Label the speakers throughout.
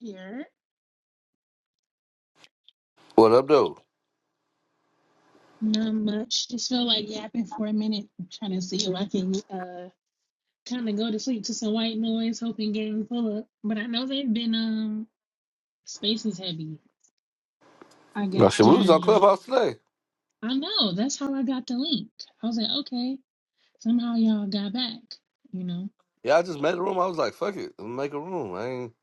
Speaker 1: Here,
Speaker 2: What up, though?
Speaker 1: not much. Just feel like yapping for a minute, trying to see if I can uh kind of go to sleep to some white noise, hoping game pull up. But I know they've been um spaces heavy. I
Speaker 2: No,
Speaker 1: guess
Speaker 2: shit, we was
Speaker 1: during
Speaker 2: on
Speaker 1: the
Speaker 2: Clubhouse today.
Speaker 1: I know that's how I got the link. I was like, okay, somehow y'all got back. You know,
Speaker 2: Yeah, I just made a room. I was like, fuck it, I'ma make a room. I ain't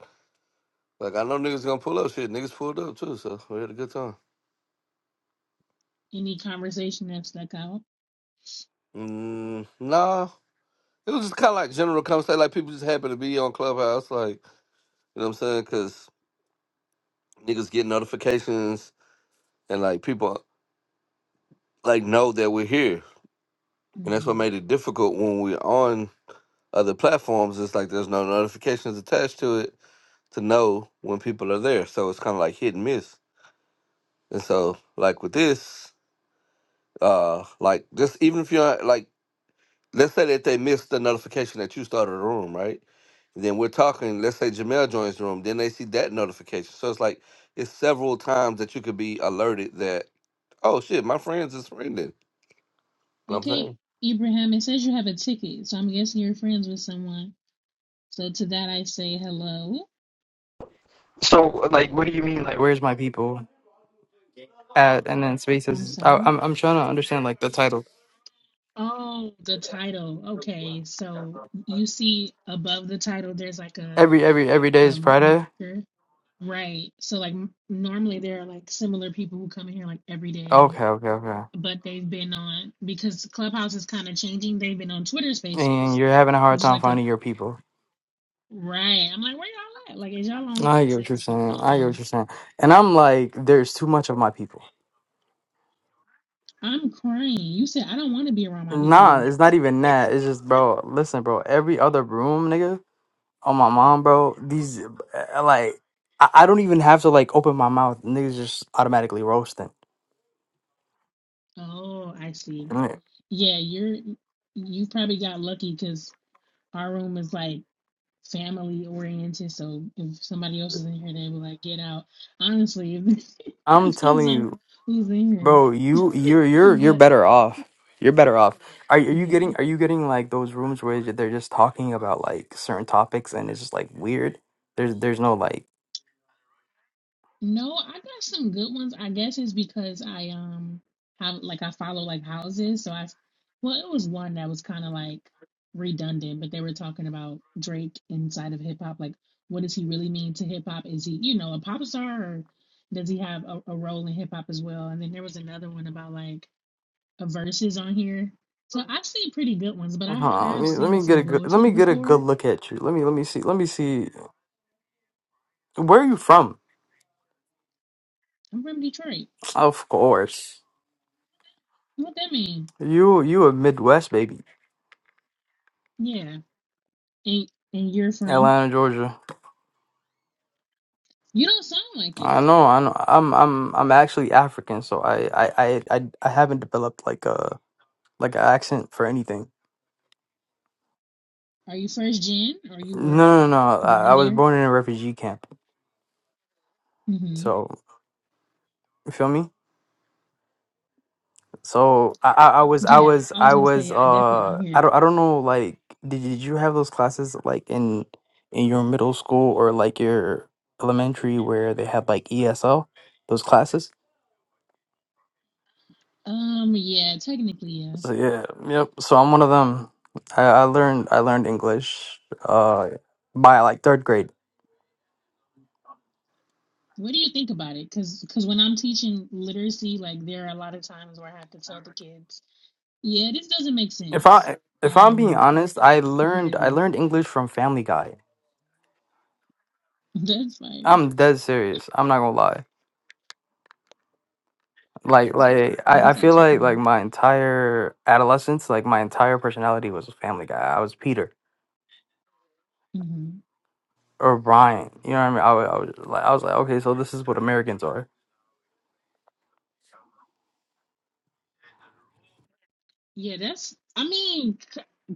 Speaker 2: like I know niggas gonna pull up. Shit, niggas pulled up too, so we had a good time.
Speaker 1: any conversation that stuck out.
Speaker 2: Mm, nah, it was just kind of like general conversation. Like people just happen to be on Clubhouse, like you know what I'm saying? Cause niggas get notifications and like people like know that we're here, and that's what
Speaker 1: hmm
Speaker 2: made it difficult when we're on other platforms. It's like there's no notifications attached to it to know when people are there, so it's kind of like hit and miss. And so, like with this, uh, like just even if you're like, let's say that they missed the notification that you started a room, right? then we're talking, let's say Jamel joins the room, then they see that notification. So it's like it's several times that you could be alerted that, oh shit, my friends is friending. You know what I'm
Speaker 1: Okay,
Speaker 2: saying?
Speaker 1: Ibrahim, it says you have a ticket, so I'm guessing you're friends with someone. So to that I say hello.
Speaker 3: So, like, what do you mean? Like, where's my people at? And then
Speaker 1: I'm
Speaker 3: spaces. I,
Speaker 1: sorry.
Speaker 3: I'm I'm trying to understand like the title.
Speaker 1: Oh, the title. Okay. So you see above the title, there's like a,
Speaker 3: Every every every day
Speaker 1: a
Speaker 3: is Friday.
Speaker 1: marker. Right. So, like, m- normally there are like similar people who come in here like every day,
Speaker 3: Okay, okay, okay.
Speaker 1: but they've been on because Clubhouse is kind of changing. They've been on Twitter
Speaker 3: And
Speaker 1: Spaces,
Speaker 3: you're having a hard
Speaker 1: which is
Speaker 3: time
Speaker 1: like a
Speaker 3: finding your people.
Speaker 1: right. I'm like, where y'all at? Like, is y'all on
Speaker 3: I get what you're
Speaker 1: Spaces?
Speaker 3: saying. I get what
Speaker 1: Um,
Speaker 3: you're saying. And I'm like, there's too much of my people.
Speaker 1: I'm crying. You said I don't want to be around my
Speaker 3: Nah,
Speaker 1: people.
Speaker 3: it's not even that. It's just, bro. Listen, bro. Every other room, nigga. On my mom, bro. These, uh, like, I, I don't even have to like open my mouth. Niggas just automatically roasting.
Speaker 1: Oh, I see.
Speaker 3: Like,
Speaker 1: Yeah, you're you probably got lucky Our room is like family oriented, so if somebody else is in here, they'll be like, "Get out." Honestly, it
Speaker 3: I'm
Speaker 1: depends
Speaker 3: telling
Speaker 1: on
Speaker 3: you.
Speaker 1: who's in here.
Speaker 3: Bro, you you're you're you're
Speaker 1: But
Speaker 3: better off. You're better off. Are, are you
Speaker 1: yeah,
Speaker 3: getting are you getting like those rooms where they're just talking about like certain topics and it's just like weird? There's there's no like
Speaker 1: no, I got some good ones. I guess it's because I um have like I follow like houses, so I well, it was one that was kind of like redundant, but they were talking about Drake inside of hip hop. Like, what does he really mean to hip hop? Is he you know a pop star or does he have a, a role in hip hop as well? And then there was another one about like verses on here. So I've seen pretty good ones, but
Speaker 3: hold
Speaker 1: I
Speaker 3: on,
Speaker 1: have
Speaker 3: let me let
Speaker 1: seen
Speaker 3: me get
Speaker 1: some
Speaker 3: a good let
Speaker 1: bullshit
Speaker 3: me get a good
Speaker 1: before.
Speaker 3: look at you. Let me let me see let me see where are you from?
Speaker 1: I'm from Detroit.
Speaker 3: Of course.
Speaker 1: What that mean?
Speaker 3: You you a Midwest baby.
Speaker 1: Yeah. And and you're from?
Speaker 3: Atlanta, Georgia.
Speaker 1: You don't sound like it.
Speaker 3: I know, I know. I'm I'm I'm actually African, so I I I I, I haven't developed like a like an accent for anything.
Speaker 1: Are you first gen or you were
Speaker 3: No, no, no. I, I
Speaker 1: born
Speaker 3: was
Speaker 1: there?
Speaker 3: born in a refugee camp.
Speaker 1: Mm-hmm.
Speaker 3: So you feel me? So I, I, I was, I
Speaker 1: Yeah,
Speaker 3: was,
Speaker 1: I was
Speaker 3: I
Speaker 1: gonna
Speaker 3: was.
Speaker 1: say I definitely don't
Speaker 3: Uh,
Speaker 1: hear
Speaker 3: I don't,
Speaker 1: it.
Speaker 3: I don't know. Like, did did you have those classes like in in your middle school or like your elementary where they had like ESL those classes?
Speaker 1: Um, yeah, technically, yeah.
Speaker 3: So yeah, yep. So I'm one of them. I, I learned, I learned English. Uh, by like third grade.
Speaker 1: What do you think about it? Cause, cause when I'm teaching literacy, like there are a lot of times where I have to tell the kids, yeah, this doesn't make
Speaker 3: If
Speaker 1: sense.
Speaker 3: I if I'm being
Speaker 1: Um,
Speaker 3: honest, I
Speaker 1: here it
Speaker 3: learned I
Speaker 1: is.
Speaker 3: learned English from Family Guy.
Speaker 1: That's fire.
Speaker 3: I'm dead serious. I'm not gonna lie. like like
Speaker 1: It
Speaker 3: I, I
Speaker 1: is
Speaker 3: feel
Speaker 1: actually
Speaker 3: like like
Speaker 1: fire.
Speaker 3: my entire adolescence like my entire personality was a family guy i was peter
Speaker 1: hmm
Speaker 3: or brian you know what i mean i, wa- I was like i was like okay so this is what americans are
Speaker 1: Yeah, that's. I mean,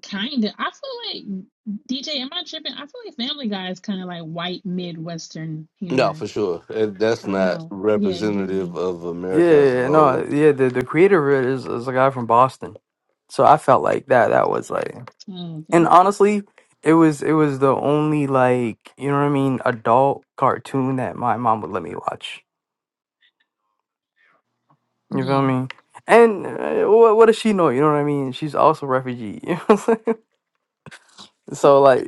Speaker 1: kind of. I feel like DJ. Am I tripping? I feel like Family Guy is kind of like white Midwestern
Speaker 2: No,
Speaker 1: humor.
Speaker 2: for sure. And that's
Speaker 1: I don't
Speaker 2: not
Speaker 1: know. Yeah, it gives
Speaker 2: representative
Speaker 1: me.
Speaker 2: of
Speaker 3: yeah
Speaker 2: America
Speaker 3: yeah,
Speaker 2: as a
Speaker 3: yeah, no
Speaker 2: whole.
Speaker 3: yeah the, the creator of it is, is a guy from boston so i felt like that that was like
Speaker 1: Oh, okay.
Speaker 3: and honestly it was it was the only like you know what i mean adult cartoon that my mom would let me watch you feel
Speaker 1: Yeah.
Speaker 3: me and uh, what, what does she know you know what i mean she's also refugee you know what I'm saying? so like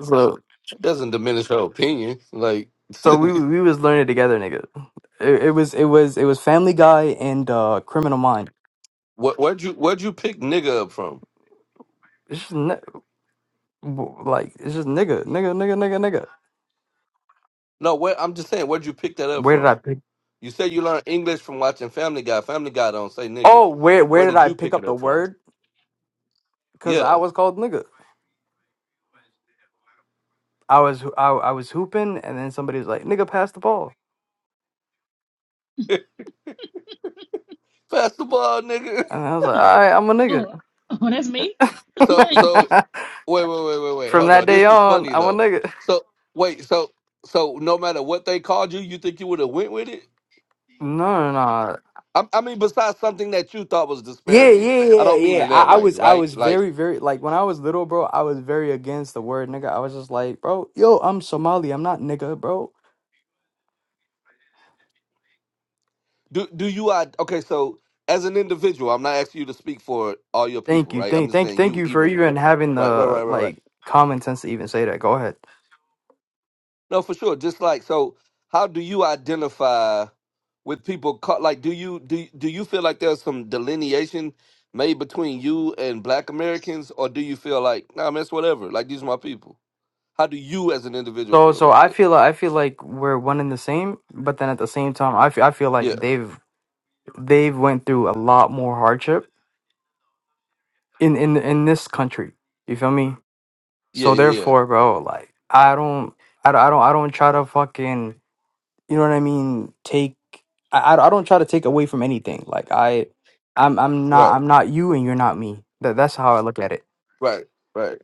Speaker 3: So
Speaker 2: It doesn't diminish her opinion. Like
Speaker 3: so we we was learning together, nigga. It, it was it was it was Family Guy and uh Criminal Mind.
Speaker 2: what where'd you where'd you pick nigga up from?
Speaker 3: It's just ni- like it's just nigga, nigga, nigga, nigga, nigga.
Speaker 2: No, where I'm just saying, where'd you pick that up
Speaker 3: Where did
Speaker 2: from?
Speaker 3: I pick?
Speaker 2: You say you learn English from watching Family Guy. Family Guy don't say nigga.
Speaker 3: Oh, where where
Speaker 2: Where
Speaker 3: did
Speaker 2: did
Speaker 3: I
Speaker 2: you
Speaker 3: pick
Speaker 2: pick it
Speaker 3: up the
Speaker 2: up from?
Speaker 3: word? Cause I
Speaker 2: Yeah.
Speaker 3: was called nigga. I was I, I was hooping, and then somebody was like, "Nigga, pass the ball,"
Speaker 2: Pass the ball, nigga.
Speaker 3: and I was like, "All right, I'm a nigga."
Speaker 1: Oh, oh, that's me.
Speaker 2: So
Speaker 1: right.
Speaker 2: so wait, wait, wait, wait, wait.
Speaker 3: From
Speaker 2: Hold
Speaker 3: that
Speaker 2: on.
Speaker 3: day
Speaker 2: This is
Speaker 3: on,
Speaker 2: funny
Speaker 3: I'm a
Speaker 2: though.
Speaker 3: nigga.
Speaker 2: So wait, so so no matter what they called you, you think you would have went with it?
Speaker 3: No, no, no.
Speaker 2: I, I mean, besides something that you thought was
Speaker 3: Yeah,
Speaker 2: disparaging.
Speaker 3: yeah,
Speaker 2: I
Speaker 3: yeah,
Speaker 2: don't mean
Speaker 3: yeah.
Speaker 2: in that
Speaker 3: I, I
Speaker 2: way,
Speaker 3: was I
Speaker 2: right?
Speaker 3: was
Speaker 2: Like,
Speaker 3: very, very like when I was little, bro, I was very against the word nigga. I was just like, bro, yo, I'm Somali, I'm not nigga, bro.
Speaker 2: do do you I okay, so as an individual, I'm not asking you to speak for all your people,
Speaker 3: Thank you.
Speaker 2: right? I'm
Speaker 3: Thank
Speaker 2: just
Speaker 3: thank
Speaker 2: saying
Speaker 3: thank
Speaker 2: you,
Speaker 3: you for even
Speaker 2: Ibrahim.
Speaker 3: having
Speaker 2: Right, right,
Speaker 3: the
Speaker 2: right, right, right.
Speaker 3: like common sense to even say that. Go ahead.
Speaker 2: No, for sure. Just like so, how do you identify with people? Caught, like, do you do do you feel like there's some delineation made between you and Black Americans, or do you feel like, nah, man, it's whatever. Like, these are my people. How do you, as an individual,
Speaker 3: So
Speaker 2: feel
Speaker 3: so
Speaker 2: about
Speaker 3: I
Speaker 2: that?
Speaker 3: feel I feel like we're one and the same, but then at the same time, I feel I feel
Speaker 2: Yeah,
Speaker 3: like they've they've went through a lot more hardship in in in this country. You feel me?
Speaker 2: yeah,
Speaker 3: So
Speaker 2: yeah, yeah.
Speaker 3: therefore, bro, like I don't I don't I don't I don't try to fucking you know what I mean, take I I I don't try to take away from anything. Like I I'm I'm not
Speaker 2: Right,
Speaker 3: I'm not you and you're not me. That that's how I look at it.
Speaker 2: right, right.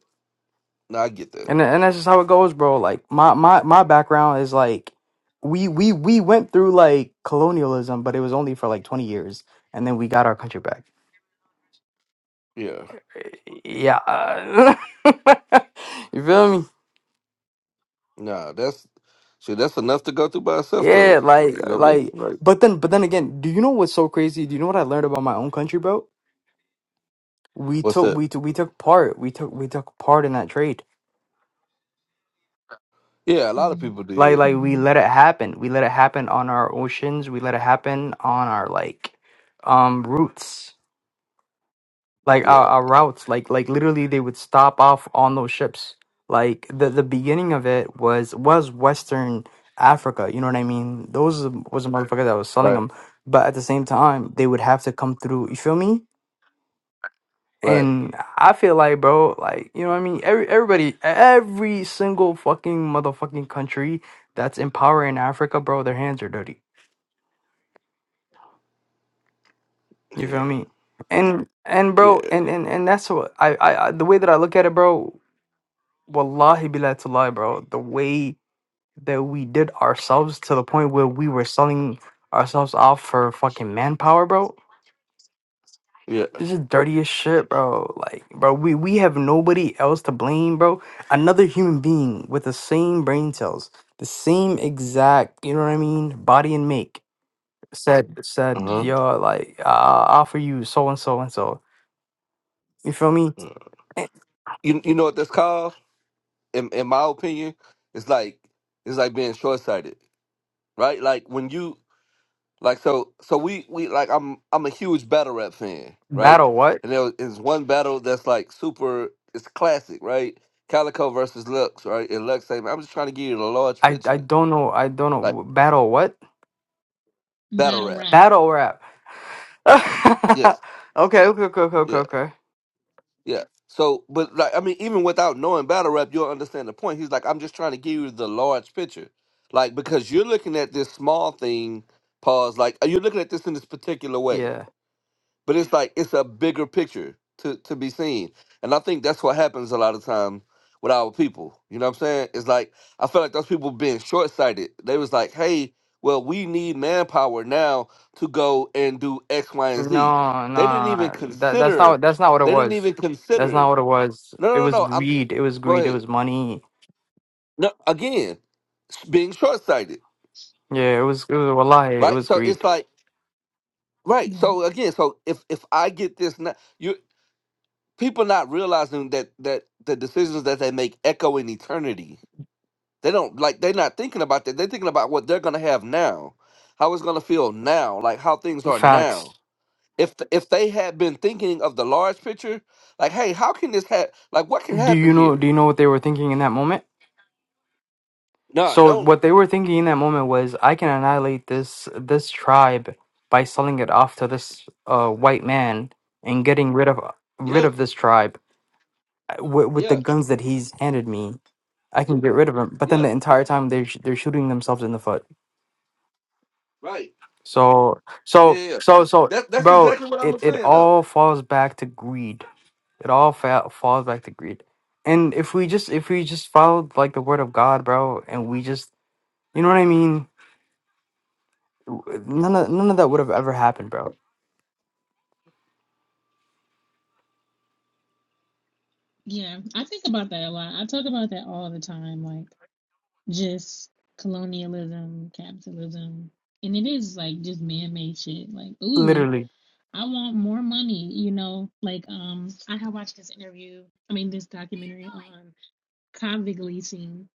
Speaker 2: No, I get that.
Speaker 3: And and that's just how it goes, bro. Like my my my background is like we we we went through like colonialism, but it was only for like 20 years and then we got our country back.
Speaker 2: Yeah.
Speaker 3: Yeah. uh, you feel me?
Speaker 2: Nah, that's shit. That's enough to go through by itself, though.
Speaker 3: Yeah, like
Speaker 2: You know what I mean?
Speaker 3: like
Speaker 2: Right.
Speaker 3: but then but then again, do you know what's so crazy? Do you know what I learned about my own country, bro? we
Speaker 2: What's
Speaker 3: took
Speaker 2: that?
Speaker 3: we took we took part we took we took part in that trade
Speaker 2: Yeah, a lot of
Speaker 1: Mm,
Speaker 2: people
Speaker 3: like
Speaker 2: did.
Speaker 3: like we
Speaker 1: hmm
Speaker 3: let it happen we let it happen on our oceans we let it happen on our like um routes like our,
Speaker 2: Yeah.
Speaker 3: our routes like like literally they would stop off on those ships like the the beginning of it was was western africa you know what i mean those was a motherfucker that was selling
Speaker 2: Right.
Speaker 3: them but at the same time they would have to come through you feel me
Speaker 2: Right.
Speaker 3: And I feel like, bro, like, you know what I mean? Every everybody, every single fucking motherfucking country that's in power in Africa, bro, their hands are dirty. You
Speaker 2: Yeah.
Speaker 3: feel me? And and bro,
Speaker 2: Yeah.
Speaker 3: and and and that's what I I, I the way that I look at it, bro, wallahi billah to lie, bro. The way that we did ourselves to the point where we were selling ourselves off for fucking manpower, bro.
Speaker 2: Yeah.
Speaker 3: This is dirty as shit, bro. Like, bro, we, we have nobody else to blame, bro. Another human being with the same brain cells, the same exact, you know what I mean, body and make said said,
Speaker 1: Yeah.
Speaker 2: Uh
Speaker 3: yo, like, uh, I'll offer you so and so and so. You feel me?
Speaker 2: huh.
Speaker 3: Eh,
Speaker 2: You you know what that's called? In in my opinion, it's like it's like being short sighted, right? Like when you like so so we we like I'm I'm a huge battle rap fan, right?
Speaker 3: Battle what?
Speaker 2: And there is one battle that's like super, it's classic, right? Calico versus Lux, right? And Lux saying, "I'm just trying to give you the large
Speaker 3: I I
Speaker 2: picture,
Speaker 3: don't know. I don't
Speaker 2: like
Speaker 3: know. Battle what?
Speaker 2: battle
Speaker 1: Battle
Speaker 2: rap."
Speaker 1: rap.
Speaker 3: Battle rap.
Speaker 2: Yeah,
Speaker 3: okay, okay, okay, okay, okay.
Speaker 2: yeah.
Speaker 3: okay.
Speaker 2: Yeah. So, but like, I mean, even without knowing battle rap, you'll understand the point. He's like, I'm just trying to give you the large picture, like because you're looking at this small thing. Pause. Like you're looking at this in this particular way,
Speaker 3: Yeah.
Speaker 2: but it's like it's a bigger picture to to be seen, and I think that's what happens a lot of time with our people. You know what I'm saying? It's like I feel like those people being short sighted. They was like, hey, well, we need manpower now to go and do X, Y,
Speaker 3: No,
Speaker 2: and
Speaker 3: no,
Speaker 2: Z.
Speaker 3: no.
Speaker 2: They didn't even
Speaker 3: no, no. that that's
Speaker 2: consider.
Speaker 3: not that's not what it
Speaker 2: They didn't
Speaker 3: was.
Speaker 2: even
Speaker 3: That's not
Speaker 2: consider
Speaker 3: what it was.
Speaker 2: no,
Speaker 3: It
Speaker 2: no,
Speaker 3: was
Speaker 2: no. I'm
Speaker 3: greed. It was
Speaker 2: go
Speaker 3: greed. It
Speaker 2: ahead.
Speaker 3: was money.
Speaker 2: No, again, s- being short sighted,
Speaker 3: Yeah, it was it was wallahi, it
Speaker 2: right?
Speaker 3: was
Speaker 2: So it's
Speaker 3: greed.
Speaker 2: like right.
Speaker 1: Yeah.
Speaker 2: So again, so if if I get this, now, you people not realizing that that the decisions that they make echo in eternity. They don't like they're not thinking about that. They're thinking about what they're gonna have now, how it's gonna feel now, like how things are now.
Speaker 3: Facts.
Speaker 2: If th- if they had been thinking of the large picture, like hey, how can this happen? Like what can
Speaker 3: Do
Speaker 2: happen
Speaker 3: you know do
Speaker 2: here?
Speaker 3: you know what they were thinking in that moment?
Speaker 2: No,
Speaker 3: So
Speaker 2: don't.
Speaker 3: what they were thinking in that moment was I can annihilate this this tribe by selling it off to this uh white man and getting rid of rid
Speaker 2: Yeah,
Speaker 3: of this tribe with, with the
Speaker 2: yeah,
Speaker 3: guns that he's handed me. I can get rid of him. But then
Speaker 2: yeah.
Speaker 3: the
Speaker 2: you-
Speaker 3: entire time they're sh- they're shooting themselves in the foot.
Speaker 2: Right.
Speaker 3: So
Speaker 2: Yeah,
Speaker 3: so
Speaker 2: yeah. yeah.
Speaker 3: so so
Speaker 2: That that's
Speaker 3: bro,
Speaker 2: exactly what I'm
Speaker 3: it it
Speaker 2: saying though.
Speaker 3: all falls back to greed. It all fa- falls back to greed. And if we just if we just followed like the word of God, bro, and we just you know what I mean, none of none of that would have ever happened, bro.
Speaker 1: Yeah. I think about that a lot. I talk about that all the time. Like just colonialism, capitalism, and it is like just man-made shit. Like, ooh.
Speaker 3: Literally.
Speaker 1: I want more money, you know. Like, um, I had watched this interview, I mean, this documentary on convict leasing,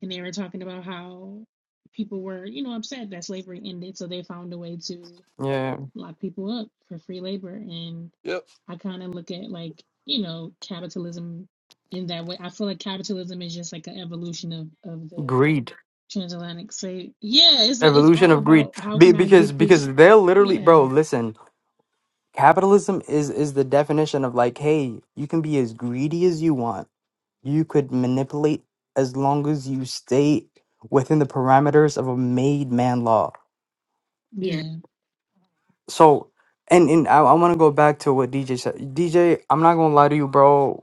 Speaker 1: and they were talking about how people were, you know, upset that slavery ended, so they found a way to
Speaker 3: Yeah.
Speaker 1: lock people up for free labor. And
Speaker 2: Yep.
Speaker 1: I kind of look at like, you know, capitalism in that way. I feel like capitalism is just like an evolution of of the
Speaker 3: Greed.
Speaker 1: transatlantic slave. Yeah, it's it's
Speaker 3: Evolution
Speaker 1: all
Speaker 3: of greed.
Speaker 1: about how
Speaker 3: Be-
Speaker 1: can I
Speaker 3: because
Speaker 1: get this?
Speaker 3: because they're literally
Speaker 1: Yeah,
Speaker 3: bro, listen. Capitalism is is the definition of like, hey, you can be as greedy as you want you could manipulate as long as you stay within the parameters of a made man law.
Speaker 1: yeah.
Speaker 3: So, and and I, I want to go back to what DJ said. DJ, I'm not gonna lie to you, bro.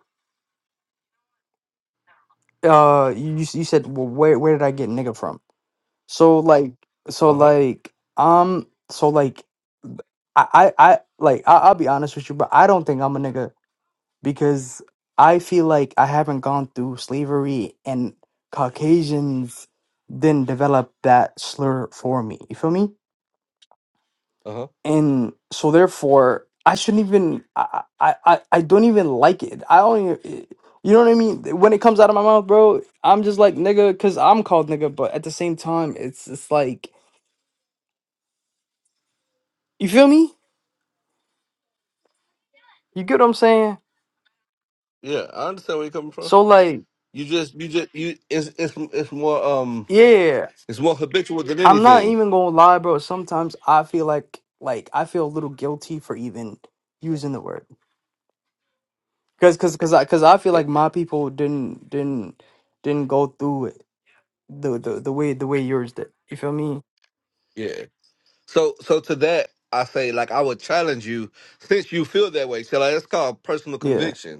Speaker 3: Uh, you you s- you said, well, where where did I get nigga from? So like, so
Speaker 2: Uh huh.
Speaker 3: like, um, so like, I I, I like I, I'll be honest with you, but I don't think I'm a nigga because I feel like I haven't gone through slavery and Caucasians didn't develop that slur for me. You feel me?
Speaker 2: Uh huh.
Speaker 3: And so therefore, I shouldn't even. I I I I don't even like it. I don't. Even, you know what I mean? When it comes out of my mouth, bro, I'm just like nigga, cause I'm called nigga. But at the same time, it's it's like you feel me? You get what I'm saying?
Speaker 2: Yeah, I understand where you're coming from.
Speaker 3: So like,
Speaker 2: You just you just you it's it's it's more um
Speaker 3: yeah.
Speaker 2: it's more habitual than
Speaker 3: I'm not
Speaker 2: anything.
Speaker 3: even gonna lie, bro. Sometimes I feel like like I feel a little guilty for even using the word, cause cause cause I cause I feel
Speaker 2: Yeah.
Speaker 3: like my people didn't didn't didn't go through it the the the way the way yours did. You feel me?
Speaker 2: Yeah. So so to that I say like I would challenge you since you feel that way. So like, it's called personal
Speaker 3: Yeah.
Speaker 2: conviction.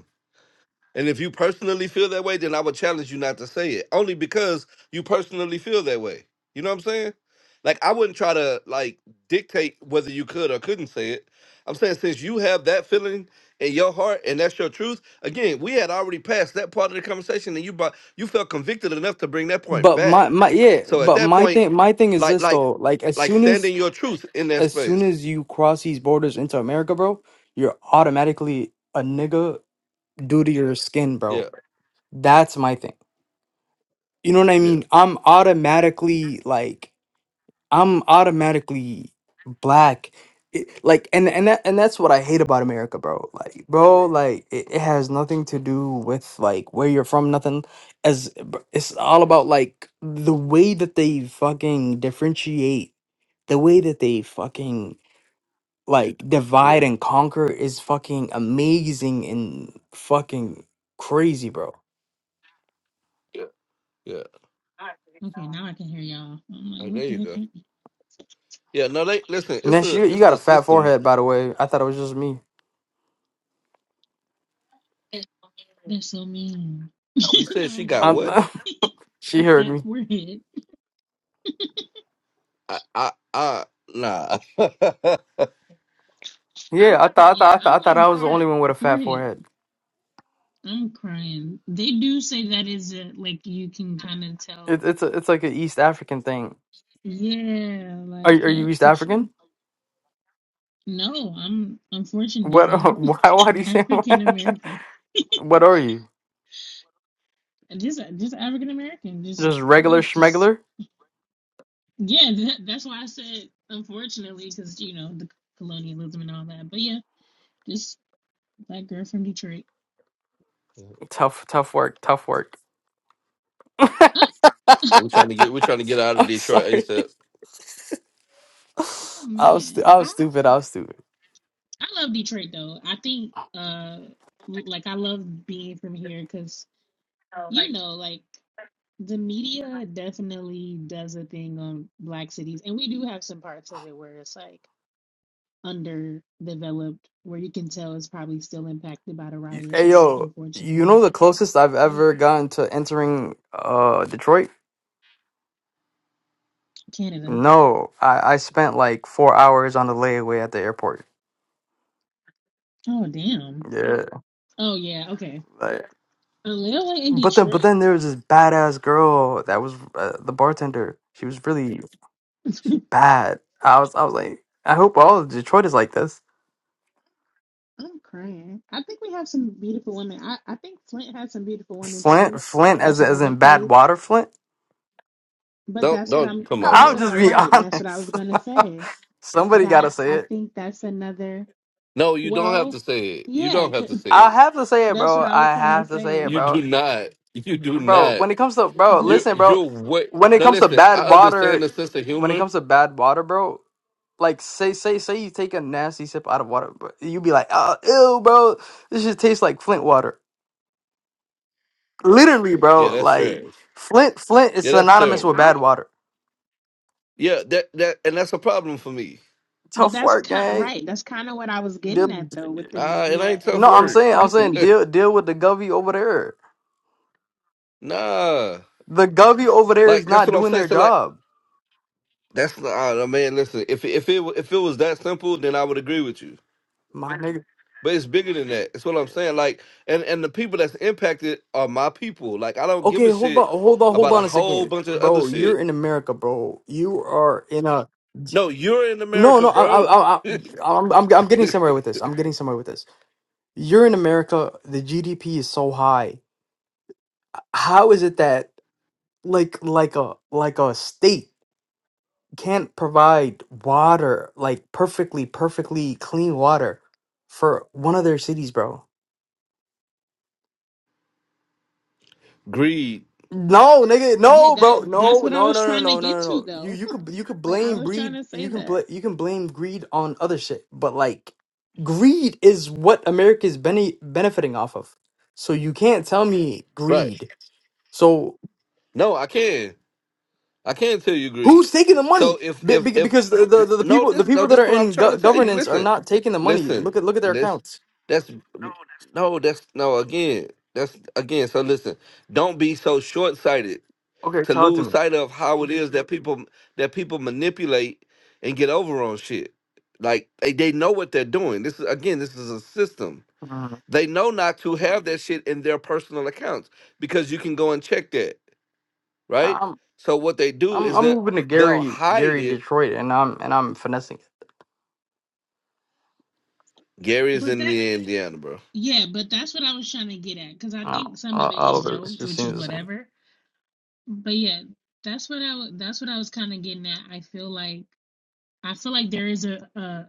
Speaker 2: And if you personally feel that way, then I would challenge you not to say it. Only because you personally feel that way. You know what I'm saying? Like I wouldn't try to like dictate whether you could or couldn't say it. I'm saying since you have that feeling in your heart and that's your truth, again, we had already passed that part of the conversation and you brought you felt convicted enough to bring that point
Speaker 3: But
Speaker 2: back.
Speaker 3: my my yeah.
Speaker 2: So at
Speaker 3: But
Speaker 2: that
Speaker 3: my
Speaker 2: point,
Speaker 3: thing my thing is
Speaker 2: like
Speaker 3: this
Speaker 2: like
Speaker 3: though. Like as
Speaker 2: like
Speaker 3: soon as
Speaker 2: standing your truth in that
Speaker 3: as soon
Speaker 2: space.
Speaker 3: as you cross these borders into America, bro, you're automatically a nigga due to your skin,
Speaker 2: Yeah,
Speaker 3: bro. That's my thing. You know what I
Speaker 2: yeah,
Speaker 3: mean? I'm automatically like. I'm automatically black. It- like and and that, and that's what I hate about America, bro. Like, bro, like it, it has nothing to do with like where you're from, nothing as br- it's all about like the way that they fucking differentiate, the way that they fucking like divide
Speaker 2: yeah,
Speaker 3: and conquer is fucking amazing and fucking crazy, bro.
Speaker 2: yeah.
Speaker 1: Okay, now I can hear y'all. I'm like,
Speaker 2: Like, there
Speaker 1: what the
Speaker 2: you
Speaker 1: heck?
Speaker 2: go.
Speaker 1: happened?
Speaker 2: Yeah, no, they listen, it's
Speaker 3: Nesh,
Speaker 2: a
Speaker 3: you you
Speaker 2: it's
Speaker 3: got a
Speaker 2: a
Speaker 3: fat
Speaker 2: system
Speaker 3: forehead, by the way. I thought it was just me.
Speaker 1: That's so mean.
Speaker 2: You
Speaker 1: no,
Speaker 2: said she
Speaker 1: I'm just
Speaker 2: got
Speaker 3: i
Speaker 2: what?
Speaker 1: kidding.
Speaker 3: she
Speaker 1: A
Speaker 3: heard
Speaker 1: fat
Speaker 3: me.
Speaker 1: forehead.
Speaker 2: I, I, I nah.
Speaker 3: Yeah, I thought I thought
Speaker 1: Yeah,
Speaker 3: I thought, I,
Speaker 1: I'm
Speaker 3: thought I
Speaker 1: like
Speaker 3: was the only
Speaker 1: part
Speaker 3: one with a fat
Speaker 1: forehead.
Speaker 3: forehead.
Speaker 1: I'm crying. They do say that is a, like you can kind of
Speaker 3: It,
Speaker 1: tell.
Speaker 3: it's a, it's like an East African thing.
Speaker 1: Yeah,
Speaker 3: Are
Speaker 1: like
Speaker 3: you- are
Speaker 1: yeah,
Speaker 3: you East
Speaker 1: for
Speaker 3: African?
Speaker 1: sure. No, I'm
Speaker 3: What?
Speaker 1: unfortunately
Speaker 3: Why? Why do you say?
Speaker 1: African American.
Speaker 3: What are you?
Speaker 1: Just just African American. Just
Speaker 3: Just
Speaker 1: yeah,
Speaker 3: regular
Speaker 1: just
Speaker 3: schmegler?
Speaker 1: yeah. That, that's why I said unfortunately because you know the colonialism and all that. But yeah. just. Black girl from Detroit.
Speaker 3: Tough, tough work, tough work.
Speaker 2: And we're trying to get we're trying to get out of
Speaker 3: I'm
Speaker 2: Detroit
Speaker 3: sorry.
Speaker 2: ASAP.
Speaker 1: Oh, oh,
Speaker 3: I was stu-
Speaker 1: man,
Speaker 3: I
Speaker 1: I
Speaker 3: was stupid. I was stupid.
Speaker 1: I love Detroit though. I think uh like I love being from here because you know like the media definitely does a thing on black cities, and we do have some parts of it where it's like underdeveloped, where you can tell it's probably still impacted by the
Speaker 3: You- Hey
Speaker 1: riots,
Speaker 3: yo, you
Speaker 1: unfortunately.
Speaker 3: know the closest I've
Speaker 1: But
Speaker 3: ever
Speaker 1: yeah,
Speaker 3: gotten to entering uh Detroit?
Speaker 1: Canada.
Speaker 3: No, I I spent like four hours on the layaway at the airport.
Speaker 1: Oh damn.
Speaker 3: Yeah.
Speaker 1: Oh yeah. Okay.
Speaker 3: like,
Speaker 1: A Lil in
Speaker 3: But then,
Speaker 1: Detroit.
Speaker 3: but then there was this badass girl that was uh, the bartender. She was really bad. I was, I was like, I hope all of Detroit is like this.
Speaker 1: I'm crying. I think we have some beautiful women. I, I think Flint has some beautiful women
Speaker 3: Flint,
Speaker 1: too.
Speaker 3: Flint, as
Speaker 1: That's
Speaker 3: as
Speaker 1: another
Speaker 3: in bad
Speaker 1: place.
Speaker 3: water, Flint.
Speaker 1: But
Speaker 2: Don't
Speaker 1: that's what
Speaker 2: don't
Speaker 1: I'm
Speaker 2: come on,
Speaker 1: that's
Speaker 3: I'm
Speaker 2: bro.
Speaker 1: what
Speaker 3: just
Speaker 1: I
Speaker 3: being
Speaker 1: right. That's what I was
Speaker 3: honest.
Speaker 1: gonna say.
Speaker 3: Somebody got to
Speaker 1: That
Speaker 3: say
Speaker 1: I
Speaker 3: it.
Speaker 1: think that's another
Speaker 2: No, you don't have
Speaker 1: well,
Speaker 2: to say it. You
Speaker 1: yeah,
Speaker 2: don't have to
Speaker 1: 'cause
Speaker 2: say
Speaker 3: I
Speaker 2: it.
Speaker 3: have to say it,
Speaker 1: that's what
Speaker 3: bro.
Speaker 1: I was
Speaker 3: I
Speaker 1: trying to
Speaker 3: have to say it,
Speaker 1: say.
Speaker 2: You
Speaker 3: bro.
Speaker 2: do not. You do
Speaker 3: bro.
Speaker 2: not.
Speaker 3: When it comes to bro,
Speaker 1: Yeah.
Speaker 2: You
Speaker 3: listen, bro.
Speaker 2: you're what
Speaker 3: When it
Speaker 2: now
Speaker 3: comes to
Speaker 2: listen, I
Speaker 3: bad
Speaker 2: understand
Speaker 3: water,
Speaker 2: the sense of
Speaker 3: when it
Speaker 2: humor.
Speaker 3: comes to bad water, bro. Like say say say you take a nasty sip out of water, bro, you be like, oh, ew, bro. This just tastes like Flint water. Literally,
Speaker 2: Yeah,
Speaker 3: bro.
Speaker 2: that's
Speaker 3: Like
Speaker 2: trash.
Speaker 3: Flint Flint is
Speaker 2: Yeah, that's
Speaker 1: Yeah,
Speaker 3: synonymous with
Speaker 2: terrible.
Speaker 3: bad
Speaker 1: I
Speaker 3: water.
Speaker 2: Yeah, that that and that's a problem for me.
Speaker 1: but
Speaker 3: Tough
Speaker 1: that's
Speaker 3: work,
Speaker 1: kind
Speaker 3: gang.
Speaker 1: right. That's kind of what I was getting
Speaker 3: Deal-
Speaker 1: at though with the
Speaker 2: Nah, it
Speaker 1: media
Speaker 2: ain't tough
Speaker 1: and
Speaker 3: no, I'm
Speaker 1: black
Speaker 2: work.
Speaker 3: saying
Speaker 1: poor
Speaker 3: I'm saying deal
Speaker 1: cities.
Speaker 3: deal with the govy over there.
Speaker 2: Nah.
Speaker 3: The govy over there is
Speaker 2: Like that's
Speaker 3: not
Speaker 2: what I'm
Speaker 3: doing
Speaker 2: saying.
Speaker 3: their
Speaker 2: So like
Speaker 3: job.
Speaker 2: That's the uh, no, man. Listen, if if it if it was that simple, then I would agree with you.
Speaker 3: My nigga.
Speaker 2: But it's bigger than that. That's what I'm saying. Like, and and the people that's impacted are my people. Like, I don't give
Speaker 3: Okay,
Speaker 2: a
Speaker 3: hold on,
Speaker 2: shit
Speaker 3: hold on, hold
Speaker 2: about a
Speaker 3: on a
Speaker 2: whole
Speaker 3: second,
Speaker 2: bunch of other
Speaker 3: bro. You're
Speaker 2: shit.
Speaker 3: in America, bro. You are in a
Speaker 2: No, you're in
Speaker 3: no,
Speaker 2: America,
Speaker 3: no. I, I,
Speaker 2: bro.
Speaker 3: I, I- I'm, I'm, I'm getting somewhere with this. I'm getting somewhere with this. You're in America. The GDP is so high. How is it that like, like a, like a state can't provide water, like perfectly, perfectly clean water for one of their cities, bro?
Speaker 2: Greed,
Speaker 3: No, nigga,
Speaker 1: Yeah,
Speaker 3: no,
Speaker 1: that
Speaker 3: bro,
Speaker 1: that's
Speaker 3: no,
Speaker 1: what I
Speaker 3: no, no,
Speaker 1: was
Speaker 3: no,
Speaker 1: trying to
Speaker 3: no, no,
Speaker 1: get
Speaker 3: no.
Speaker 1: to
Speaker 3: no. You
Speaker 1: though.
Speaker 3: you could you could
Speaker 1: Like I
Speaker 3: blame
Speaker 1: was trying
Speaker 3: greed.
Speaker 1: to
Speaker 3: You
Speaker 1: say
Speaker 3: can
Speaker 1: that.
Speaker 3: bl- you can blame greed on other shit, but like greed is what America's bene- benefiting off of. So you can't tell me
Speaker 2: right?
Speaker 3: greed. So
Speaker 2: No, I can. I can't tell you
Speaker 3: who's
Speaker 2: greed.
Speaker 3: taking the money?
Speaker 2: So if
Speaker 3: Be-
Speaker 2: if
Speaker 3: be-
Speaker 2: if
Speaker 3: because the, the, the
Speaker 2: no
Speaker 3: people the
Speaker 2: this no
Speaker 3: people that
Speaker 2: this is
Speaker 3: are
Speaker 2: what I'm
Speaker 3: in
Speaker 2: trying
Speaker 3: go-
Speaker 2: to tell you.
Speaker 3: governance are
Speaker 2: Listen,
Speaker 3: not taking the money. Look
Speaker 2: listen.
Speaker 3: at look at their
Speaker 2: This
Speaker 3: accounts.
Speaker 2: that's no that's no again that's again. So listen, don't be so short sighted
Speaker 3: Okay,
Speaker 2: to
Speaker 3: talk to
Speaker 2: lose
Speaker 3: me.
Speaker 2: sight of how it is that people that people manipulate and get over on shit. Like they, they know what they're doing. This is again this is a system.
Speaker 3: Mm.
Speaker 2: They know not to have that shit in their personal accounts because you can go and check that right?
Speaker 3: I'm
Speaker 2: So what they do
Speaker 3: I'm
Speaker 2: is
Speaker 3: I'm
Speaker 2: that
Speaker 3: moving to
Speaker 2: they'll
Speaker 3: Gary
Speaker 2: hide
Speaker 3: Gary
Speaker 2: it.
Speaker 3: Detroit, and I'm and I'm finessing.
Speaker 2: Gary's
Speaker 1: But
Speaker 2: in
Speaker 1: that
Speaker 2: the Indiana, bro.
Speaker 1: Yeah, but that's what I was trying to get at because I
Speaker 3: I Uh,
Speaker 1: think some of
Speaker 3: all
Speaker 1: it
Speaker 3: all
Speaker 1: is
Speaker 3: of it. It
Speaker 1: jokes,
Speaker 3: just
Speaker 1: which is
Speaker 3: seems the same.
Speaker 1: whatever. But yeah, that's what I wa- that's what I was kind of getting at. I feel like. I feel like there is a, a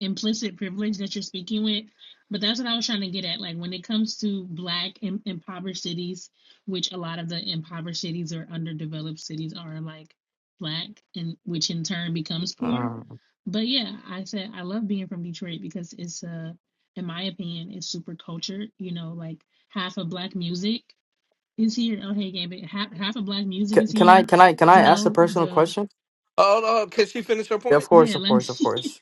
Speaker 1: implicit privilege that you're speaking with, but that's what I was trying to get at. Like when it comes to black im- impoverished cities, which a lot of the impoverished cities or underdeveloped cities are like black, and which in turn becomes poor.
Speaker 3: Mm.
Speaker 1: But yeah, I said I love being from Detroit because it's uh, in my opinion, it's super cultured. You know, like half of black music is here. Oh hey, Gambit, half half of black music is
Speaker 3: C- can I?
Speaker 1: here.
Speaker 3: Can I? Can I
Speaker 1: You
Speaker 3: ask a
Speaker 1: know
Speaker 3: personal
Speaker 1: the
Speaker 3: question?
Speaker 2: Oh no, can she finish her
Speaker 3: Yeah, of
Speaker 2: point?
Speaker 3: course,
Speaker 1: yeah,
Speaker 3: of
Speaker 1: let
Speaker 3: course, of
Speaker 1: me.
Speaker 3: course.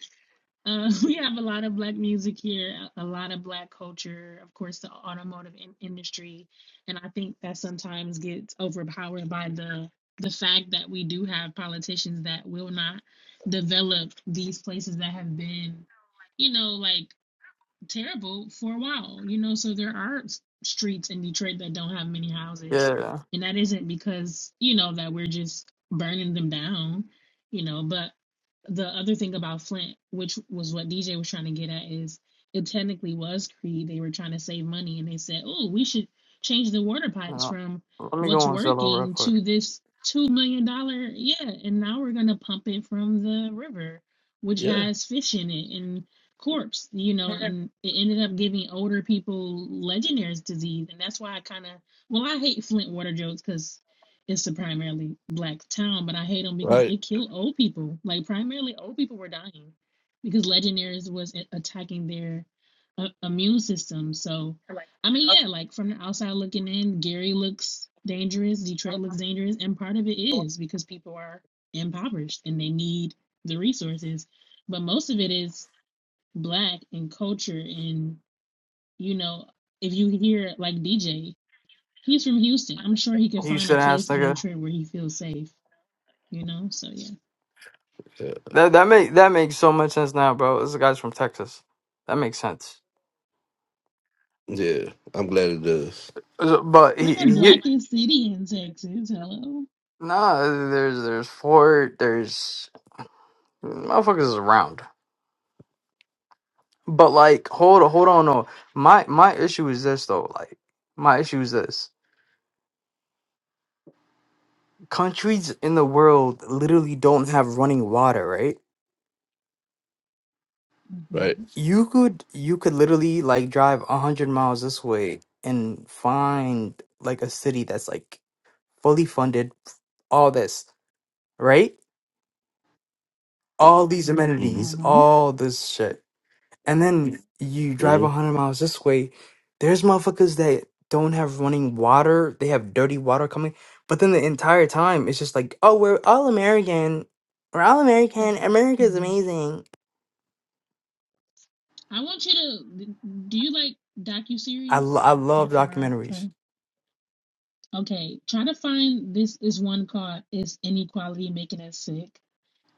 Speaker 1: Uh, we have a lot of black music here, a a lot of black culture, of course, the automotive in- industry, and I think that sometimes gets overpowered by the the fact that we do have politicians that will not develop these places that have been, you know, like terrible for a while, you know. So there are streets in Detroit that don't have many houses,
Speaker 3: Yeah.
Speaker 1: and that isn't because you know that we're just burning them down, you know. But the other thing about Flint, which was what DJ was trying to get at, is it technically was Creed. They were trying to save money, and they said, "Oh, we should change the water pipes
Speaker 3: Uh,
Speaker 1: from
Speaker 3: let me go
Speaker 1: what's
Speaker 3: on Zillow real
Speaker 1: working
Speaker 3: quick.
Speaker 1: to this two million dollar yeah, and now we're gonna pump it from the river, which
Speaker 2: Yeah.
Speaker 1: has fish in it and." corpse, you know, and it ended up giving older people Legionnaire's disease, and that's why I kind of well, I hate Flint water jokes because it's a primarily black town, but I hate them because
Speaker 2: Right.
Speaker 1: it killed old people. Like primarily, old people were dying because Legionnaire's was attacking their uh, immune system. So, I mean, yeah, like from the outside looking in, Gary looks dangerous, Detroit looks dangerous, and part of it is because people are impoverished and they need the resources but most of it is black and culture and you know if you hear like dj he's from houston i'm sure he could
Speaker 3: You
Speaker 1: find a
Speaker 3: should ask,
Speaker 1: place in
Speaker 3: nigga.
Speaker 1: detroit where he feels safe you know so yeah
Speaker 2: Yeah.
Speaker 3: That that make that makes so much sense now, bro. This guy's from Texas. That makes sense.
Speaker 2: yeah. I'm glad it does.
Speaker 3: So- But
Speaker 1: we're
Speaker 3: he,
Speaker 1: the
Speaker 3: he
Speaker 1: blackest city in texas hello
Speaker 3: nah. There's there's Ford. There's motherfuckers is around. But like, hold hold on. No, my my issue is this though. Like, my issue is this. countries in the world literally don't have running water, right?
Speaker 2: Right.
Speaker 1: hmm
Speaker 3: You could you could literally like drive a hundred miles this way and find like a city that's like fully funded, all this, right? All these Mhm.
Speaker 2: Mm-hmm.
Speaker 3: amenities,
Speaker 1: normally
Speaker 3: all this shit, and then you
Speaker 2: Mm-hmm.
Speaker 3: drive a hundred miles this way. There's motherfuckers that don't have running water. They have dirty water coming, but then the entire time it's just like, oh, we're all American. We're all American. America is
Speaker 1: hmm
Speaker 3: amazing
Speaker 1: i want you to do you like
Speaker 3: I, lo-
Speaker 1: docu-series
Speaker 3: I love
Speaker 1: before i try
Speaker 3: documentaries.
Speaker 1: okay try to find this is one called is inequality making us sick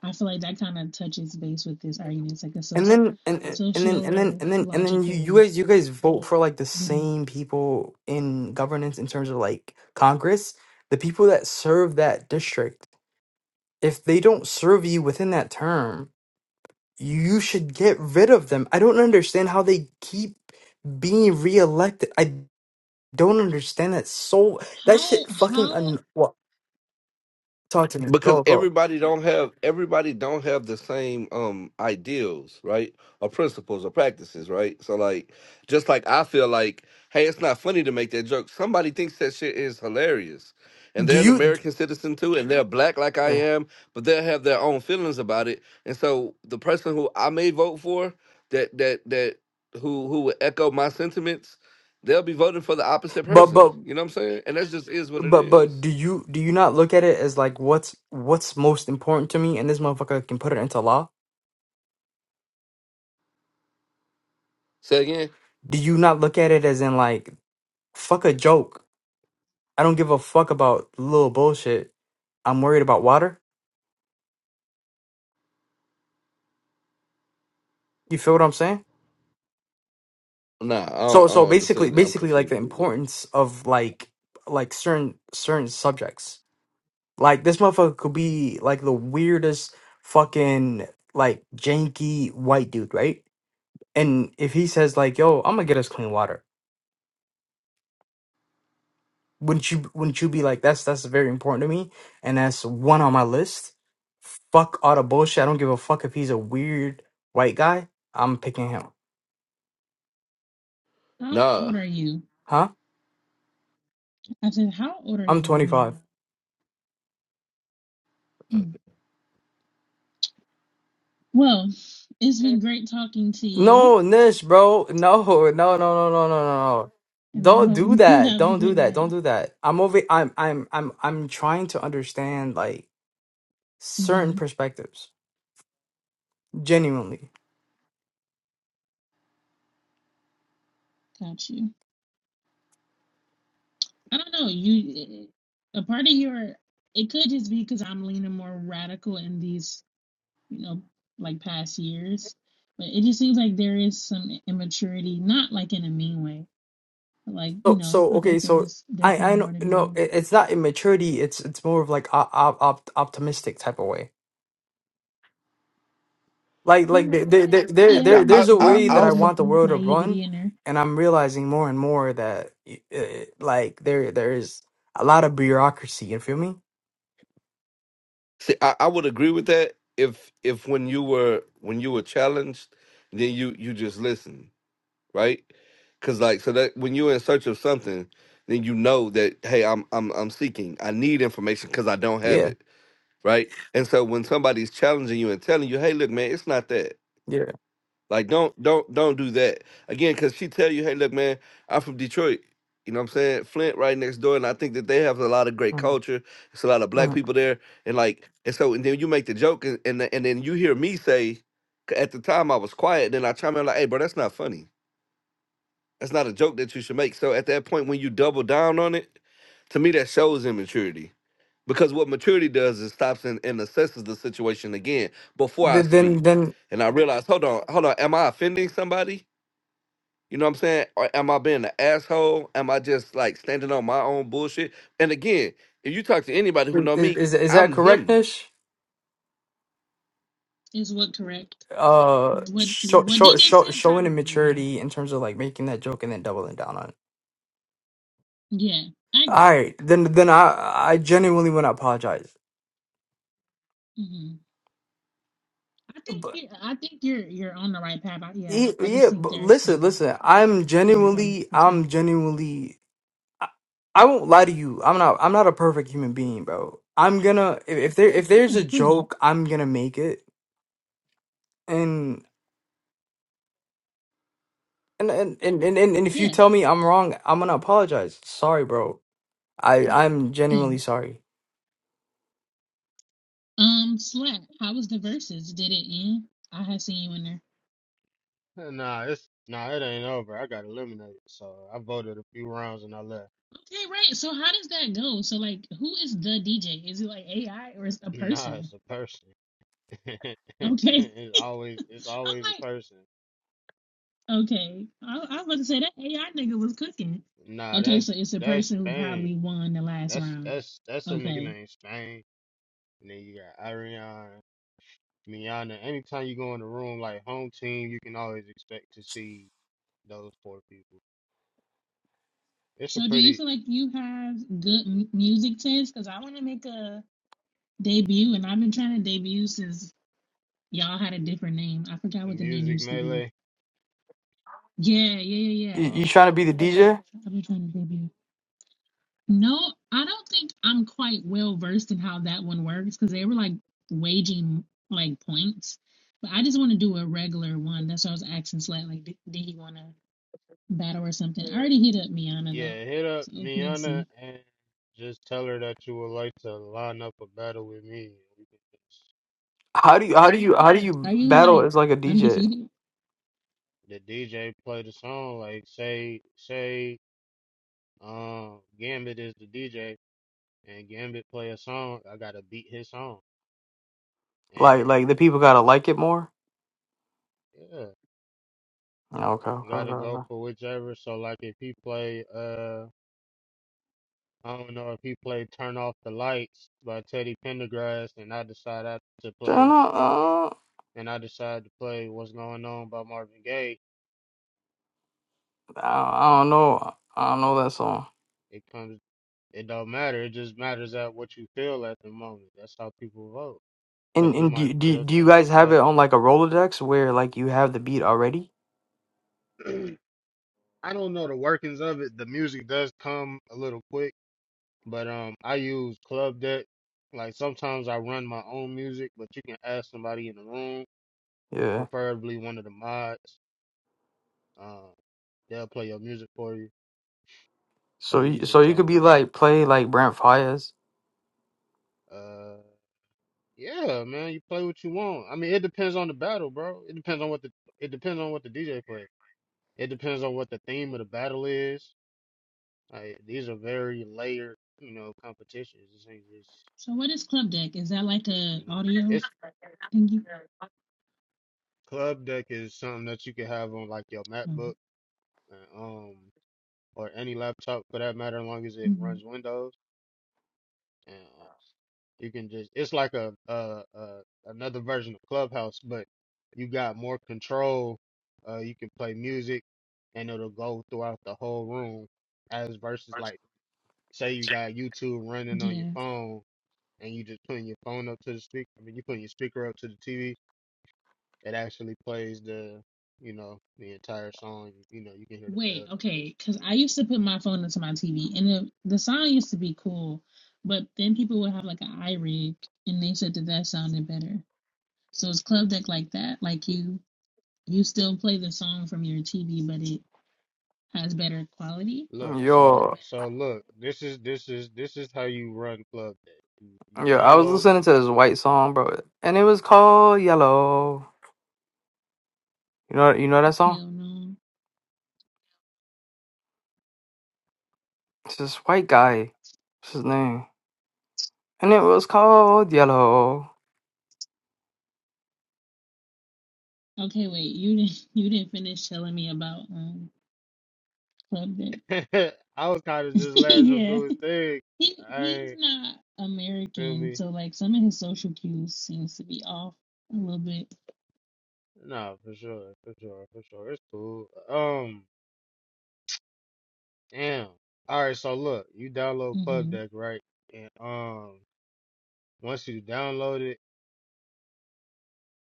Speaker 1: I feel like that kind of touches base with this argument. It's like a so
Speaker 3: And then and and and then and then and then and then you, you
Speaker 1: sociological
Speaker 3: guys you guys vote for like the
Speaker 1: video.
Speaker 3: same people in governance in terms of like Congress, the people that serve that district. If they don't serve you within that term, you should get rid of them. I don't understand how they keep being reelected. I don't understand that so that
Speaker 1: How
Speaker 3: shit fucking
Speaker 1: how
Speaker 3: un- what talk to me.
Speaker 2: because
Speaker 3: Go go.
Speaker 2: everybody don't have everybody don't have the same um ideals right or principles or practices right so like just like i feel like hey it's not funny to make that joke somebody thinks that shit is hilarious and
Speaker 3: Do
Speaker 2: they're an
Speaker 3: you
Speaker 2: american citizen too and they're black like i
Speaker 3: yeah.
Speaker 2: am but they'll have their own feelings about it and so the person who i may vote for that that that who who would echo my sentiments they'll be voting for the opposite person you know what i'm saying and that just is what it
Speaker 3: But but
Speaker 2: is
Speaker 3: do you do you not look at it as like what's what's most important to me and this motherfucker can put it into law?
Speaker 2: say again
Speaker 3: Do you not look at it as in like fuck a joke? I don't give a fuck about little bullshit. I'm worried about water. You feel what I'm saying?
Speaker 2: Nah, I
Speaker 3: So
Speaker 2: don't, I
Speaker 3: so
Speaker 2: don't
Speaker 3: basically
Speaker 2: understand that. I'm
Speaker 3: basically like
Speaker 2: confused
Speaker 3: the
Speaker 2: with it.
Speaker 3: importance of like like certain certain subjects. Like this motherfucker could be like the weirdest fucking like janky white dude, right? And if he says like, "Yo, I'm gonna get us clean water." Wouldn't you wouldn't you be like that's that's very important to me and that's one on my list. Fuck all the bullshit. I don't give a fuck if he's a weird white guy. I'm picking him.
Speaker 1: how
Speaker 2: Nah,
Speaker 1: old are you?
Speaker 3: Huh?
Speaker 1: I said, how old are
Speaker 3: I'm
Speaker 1: you, if you don't
Speaker 3: 25.
Speaker 1: mind? Hmm. Well, it's been great talking to you,
Speaker 3: No, Nish, bro. No, no, no, no, no, no, no. no.
Speaker 1: and I
Speaker 3: Don't
Speaker 1: hope
Speaker 3: do
Speaker 1: you
Speaker 3: that.
Speaker 1: have a
Speaker 3: Don't do
Speaker 1: good
Speaker 3: that.
Speaker 1: night.
Speaker 3: Don't do that. I'm over I'm I'm I'm I'm trying to understand like certain
Speaker 1: hmm
Speaker 3: perspectives. Genuinely.
Speaker 1: Got you. I don't know. You, a part of your, it could just be because I'm leaning more radical in these you know, like past years. But it just seems like there is some immaturity, not like in a mean way. But like, you
Speaker 3: So,
Speaker 1: know,
Speaker 3: so
Speaker 1: I
Speaker 3: okay,
Speaker 1: think there
Speaker 3: so
Speaker 1: is
Speaker 3: I
Speaker 1: definitely
Speaker 3: I
Speaker 1: more
Speaker 3: know
Speaker 1: to be
Speaker 3: no,
Speaker 1: learned.
Speaker 3: it, it's not immaturity. It's it's more of like op, op, op, optimistic type of way. Like like
Speaker 1: Mm,
Speaker 3: there,
Speaker 1: Yeah,
Speaker 3: there there there
Speaker 1: yeah,
Speaker 2: I
Speaker 3: there-
Speaker 2: I
Speaker 3: there's a
Speaker 1: there's
Speaker 2: I
Speaker 1: a
Speaker 3: way
Speaker 2: I
Speaker 3: that I
Speaker 1: little
Speaker 2: also,
Speaker 3: want the world to
Speaker 1: naivety
Speaker 3: run,
Speaker 1: in there.
Speaker 3: and I'm realizing more and more that uh, like there there is a lot of bureaucracy. You feel me?
Speaker 2: see. I, I would agree with that if if when you were when you were challenged, then you you just listen, right? Because like so that when you're in search of something, then you know that hey, I'm I'm I'm seeking. I need information because I don't have
Speaker 3: Yeah,
Speaker 2: it, right? And so when somebody's challenging you and telling you, hey, look, man, it's not that.
Speaker 3: yeah.
Speaker 2: Like don't don't don't do that again because she tell you, hey, look, man, I'm from Detroit. You know what I'm saying? Flint right next door, and I think that they have a lot of great
Speaker 3: Mhm.
Speaker 2: culture. It's a lot of black
Speaker 3: Mhm.
Speaker 2: people there, and like, and so, and then you make the joke, and and, the- and then you hear me say, 'cause at the time I was quiet, then I chime in like, hey, bro, that's not funny. That's not a joke that you should make. So at that point, when you double down on it, to me that shows immaturity because what maturity does is stops and, and assesses the situation again before I
Speaker 3: Th- Then
Speaker 2: speak,
Speaker 3: then
Speaker 2: and I realize, hold on, hold on, am I offending somebody? You know what I'm saying? Or am I being an asshole? Am I just like standing on my own bullshit? And again, if you talk to anybody
Speaker 3: i-
Speaker 2: who know
Speaker 3: i-
Speaker 2: me,
Speaker 3: is is that
Speaker 2: I'm
Speaker 3: correct,
Speaker 2: him.
Speaker 3: Nish?
Speaker 1: Is what correct?
Speaker 3: uh
Speaker 1: What
Speaker 3: show,
Speaker 1: what
Speaker 3: show,
Speaker 1: DJ
Speaker 3: show,
Speaker 1: said
Speaker 3: showing
Speaker 1: probably, yeah.
Speaker 3: immaturity in terms of like making that joke and then doubling down on it.
Speaker 1: Yeah, I
Speaker 3: All
Speaker 1: agree.
Speaker 3: right, then then I I genuinely want to apologize.
Speaker 1: hmm I think
Speaker 3: But
Speaker 1: you I think you're you're on the right path. I, yeah,
Speaker 3: yeah,
Speaker 1: I I just
Speaker 3: yeah,
Speaker 1: think
Speaker 3: but
Speaker 1: there's
Speaker 3: listen,
Speaker 1: some
Speaker 3: listen. I'm
Speaker 1: some growth
Speaker 3: genuinely
Speaker 1: for sure.
Speaker 3: I'm genuinely I, I won't lie to you. I'm not I'm not a perfect human being, bro. I'm gonna if, if there if there's
Speaker 1: Yeah,
Speaker 3: a
Speaker 1: of course not.
Speaker 3: joke, I'm gonna make it. And and and and and, and and if you
Speaker 1: Yeah,
Speaker 3: tell me I'm wrong, I'm gonna apologize. Sorry, bro. I I'm
Speaker 1: yeah.
Speaker 3: genuinely sorry.
Speaker 1: Um, Slack, how was the verses? Did it end? I have seen you in there.
Speaker 4: Nah, it's nah, it ain't over. I got eliminated, so I voted a few rounds and I left.
Speaker 1: Okay, right. So how does that go? So like, who is the DJ? Is it like AI or is it a
Speaker 4: Nah,
Speaker 1: person?
Speaker 4: it's a person.
Speaker 1: Okay,
Speaker 4: it's always it's
Speaker 1: I'm
Speaker 4: always a person.
Speaker 1: like, okay. I, I was about to say that AI nigga was cooking.
Speaker 4: Nah,
Speaker 1: Okay, so
Speaker 4: that's
Speaker 1: it's a
Speaker 4: that's
Speaker 1: person who
Speaker 4: Spain.
Speaker 1: probably won the last
Speaker 4: That's
Speaker 1: round.
Speaker 4: that's that's a nigga
Speaker 1: Okay.
Speaker 4: named Spain. And then you got Ariana, Miana. Anytime you go in the room like home team, you can always expect to see those four people. It's a
Speaker 1: So do you
Speaker 4: pretty
Speaker 1: feel like you have good m- music taste? Because I want to make a debut, and I've been trying to debut since y'all had a different name. I forgot
Speaker 4: the
Speaker 1: what the name
Speaker 4: music
Speaker 1: used to be.
Speaker 4: melee.
Speaker 1: Yeah, yeah, yeah,
Speaker 3: You,
Speaker 1: yeah.
Speaker 3: you
Speaker 4: Um,
Speaker 3: trying to be the DJ?
Speaker 1: i are you trying to debut? No, I don't think I'm quite well versed in how that one works because they were like waging like points. But I just want to do a regular one. That's why I was asking Slat, like, did, did he want to battle or something? I already hit up Miana though,
Speaker 4: Yeah, hit up
Speaker 1: so we'll
Speaker 4: Miana
Speaker 1: see.
Speaker 4: and just tell her that you would like to line up a battle with me. We could just-
Speaker 3: How do you how do you how do
Speaker 1: Are
Speaker 3: you
Speaker 1: you
Speaker 3: battle
Speaker 1: like
Speaker 3: as like a DJ?
Speaker 1: undefeated?
Speaker 4: The DJ play the song, like say say um Gambit is the DJ and Gambit play a song, I gotta beat his song.
Speaker 3: Like
Speaker 4: And
Speaker 3: like the people gotta like it more.
Speaker 4: yeah,
Speaker 3: Yeah, Okay, okay, okay.
Speaker 4: gotta go
Speaker 3: okay.
Speaker 4: for whichever. So like if he play uh I don't know if he play Turn Off the Lights by Teddy Pendergrass and I decide I to
Speaker 3: Don't
Speaker 4: play
Speaker 3: know, uh,
Speaker 4: and I decide to play What's Going On by Marvin Gaye,
Speaker 3: I I don't know. I don't know that song.
Speaker 4: it comes It don't matter. It just matters at what you feel at the moment. That's how people vote.
Speaker 3: And
Speaker 4: Cause you
Speaker 3: and
Speaker 4: might
Speaker 3: do, do
Speaker 4: feel
Speaker 3: do you
Speaker 4: some
Speaker 3: guys have it
Speaker 4: nostalgia.
Speaker 3: on like a Rolodex where like you have the beat already?
Speaker 4: I don't know the workings of it. The music does come a little quick, but um, I use Club Deck. Like sometimes I run my own music, but you can ask somebody in the room,
Speaker 3: Yeah.
Speaker 4: preferably one of the mods. Um, they'll play your music for you, so
Speaker 3: So
Speaker 4: you can
Speaker 3: you, so
Speaker 4: just
Speaker 3: you
Speaker 4: tell
Speaker 3: could
Speaker 4: them what
Speaker 3: be
Speaker 4: you.
Speaker 3: like play like Brent Fires.
Speaker 4: Uh, yeah, man, you play what you want. I mean, it depends on the battle, bro. It depends on what the it depends on what the DJ plays. It depends on what the theme of the battle is. Like, these are very layered, you know, competitions. This ain't just,
Speaker 1: So what is Club Deck? Is that like a
Speaker 4: you know,
Speaker 1: audio
Speaker 4: it's
Speaker 1: thingy?
Speaker 4: club deck is something that you can have on like your
Speaker 1: Oh,
Speaker 4: MacBook, and, um, or any laptop for that matter, as long as it
Speaker 1: mhm.
Speaker 4: runs Windows. And uh, you can just, it's like a, uh, uh, another version of Clubhouse, but you got more control. Uh, you can play music, and it'll go throughout the whole room, as versus like, say you got YouTube running on your phone and you just putting your phone up to the speaker. I mean, you putting your speaker up to the TV. It actually plays the, you know, the entire song. You know, you can hear the
Speaker 1: Wait,
Speaker 4: bells and
Speaker 1: okay,
Speaker 4: whistles
Speaker 1: because
Speaker 4: and
Speaker 1: I
Speaker 4: whatnot.
Speaker 1: used to put my phone into my TV, and the the sound used to be cool, but then people would have like an iRig, and they said that that sounded better. So it's club deck like that, like you you still play the song from your TV, but it has better quality.
Speaker 4: Look, so
Speaker 3: Yo,
Speaker 4: so look, this is this is this is how you run Club Deck. You, you
Speaker 3: yo. I was
Speaker 4: download.
Speaker 3: listening to this white song, bro, and it was called Yellow. You know you know that song?
Speaker 1: Hell no.
Speaker 3: It's this white guy. What's his name? And it was called Yellow.
Speaker 1: Okay, wait, you didn't you didn't finish telling me about um club deck.
Speaker 4: I was kind of just letting them
Speaker 1: Yeah,
Speaker 4: do his thing.
Speaker 1: he
Speaker 4: I
Speaker 1: he's
Speaker 4: ain't
Speaker 1: not
Speaker 4: feel
Speaker 1: American,
Speaker 4: me.
Speaker 1: so like some of his social cues seems to be off a little bit.
Speaker 4: Nah, for sure, for sure, for sure. It's cool. Um, damn. All right, so look, you download Club
Speaker 1: hmm
Speaker 4: Deck, right? And um, once you download it.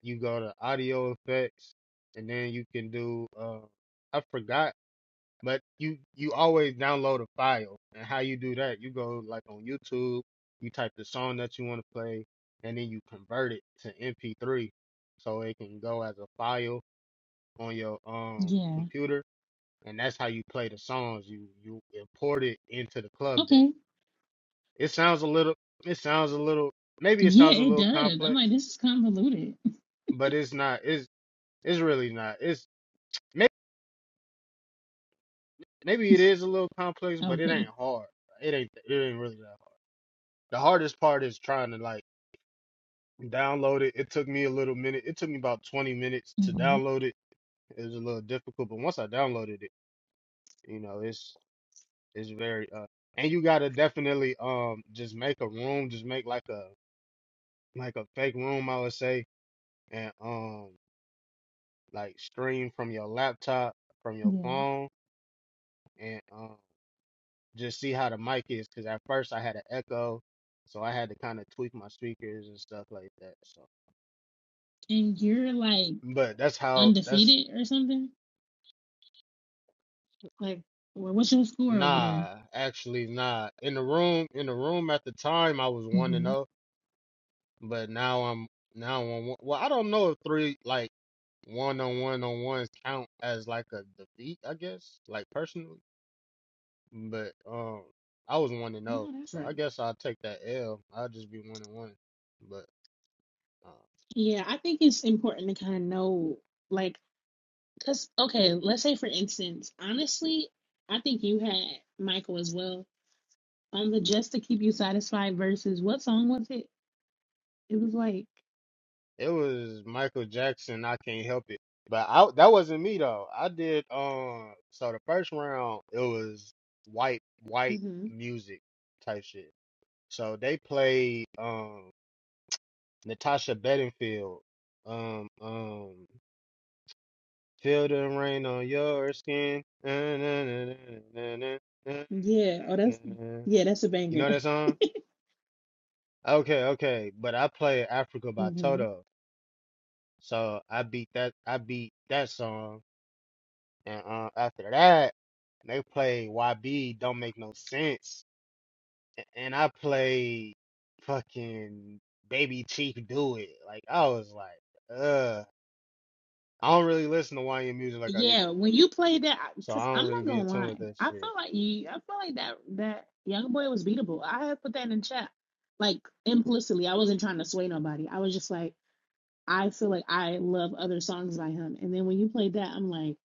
Speaker 4: You go to audio effects, and then you can do. Uh, I forgot, but you you always download a file, and how you do that? You go like on YouTube, you type the song that you want to play, and then you convert it to MP3, so it can go as a file on your um
Speaker 1: Yeah.
Speaker 4: computer, and that's how you play the songs. You you import it into the club
Speaker 1: Okay.
Speaker 4: deck. It sounds a little. It sounds a little. Maybe it
Speaker 1: Yeah,
Speaker 4: sounds a
Speaker 1: it
Speaker 4: little
Speaker 1: does. I'm like,
Speaker 4: complex,
Speaker 1: this is convoluted.
Speaker 4: but it's not. It's it's really not. It's Maybe it is a little complex, but it
Speaker 1: Okay.
Speaker 4: ain't hard. It ain't it ain't really that hard. The hardest part is trying to like download it. It took me a little minute. It took me about 20 minutes to
Speaker 1: hmm
Speaker 4: download it. It was a little difficult, but once I downloaded it, you know, it's it's very uh and you gotta definitely um just make a room, just make like a like a fake room, I would say, and um like stream from your laptop, from your
Speaker 1: Yeah.
Speaker 4: phone, and. um just see how the mic is because at first I had an echo, so I had to kind of tweak my speakers and stuff like that. So,
Speaker 1: And you're like
Speaker 4: but that's how that's
Speaker 1: undefeated or something? Like, wha- what's your score over there?
Speaker 4: nah, actually nah. In the room, in the room at the time I was one and
Speaker 1: hmm
Speaker 4: zero, but now I'm now on one. Well, I don't know if three like one on one on ones count as like a defeat. I guess like personally, but um. I was one and zero,
Speaker 1: No, that's
Speaker 4: so I
Speaker 1: right.
Speaker 4: guess I'll take that L. I'll just be one and one, but. um,
Speaker 1: Yeah, I think it's important to kind of know, like, because, okay, let's say for instance, honestly, I think you had Michael as well on the Just to Keep You Satisfied versus what song was it? It was like,
Speaker 4: It was Michael Jackson. I can't help it. But I that wasn't me though. I did um. So the first round it was white white
Speaker 1: hmm
Speaker 4: music type shit. So they played um Natasha Bedingfield. Um um. Feel the rain on your skin. Na, na, na, na, na, na, na,
Speaker 1: yeah, oh,
Speaker 4: na,
Speaker 1: that's,
Speaker 4: na.
Speaker 1: yeah, that's a
Speaker 4: You
Speaker 1: banger.
Speaker 4: know that song? Okay, okay. But I played Africa by Toto. So I beat that I beat that song And uh, after that, they played YB Don't Make No Sense. And I played fucking Baby Chief Do It. Like, I was like, uh, I don't really listen to YN music like I used
Speaker 1: Yeah,
Speaker 4: to.
Speaker 1: when you played that,
Speaker 4: So I
Speaker 1: because
Speaker 4: don't
Speaker 1: I'm
Speaker 4: really
Speaker 1: not
Speaker 4: be in
Speaker 1: gonna
Speaker 4: tune
Speaker 1: lie,
Speaker 4: with that
Speaker 1: I
Speaker 4: shit.
Speaker 1: feel like you, I feel like that that young boy was beatable. I had put that in chat, like implicitly. I wasn't trying to sway nobody. I was just like, I feel like I love other songs by him. And then when you played that, I'm like,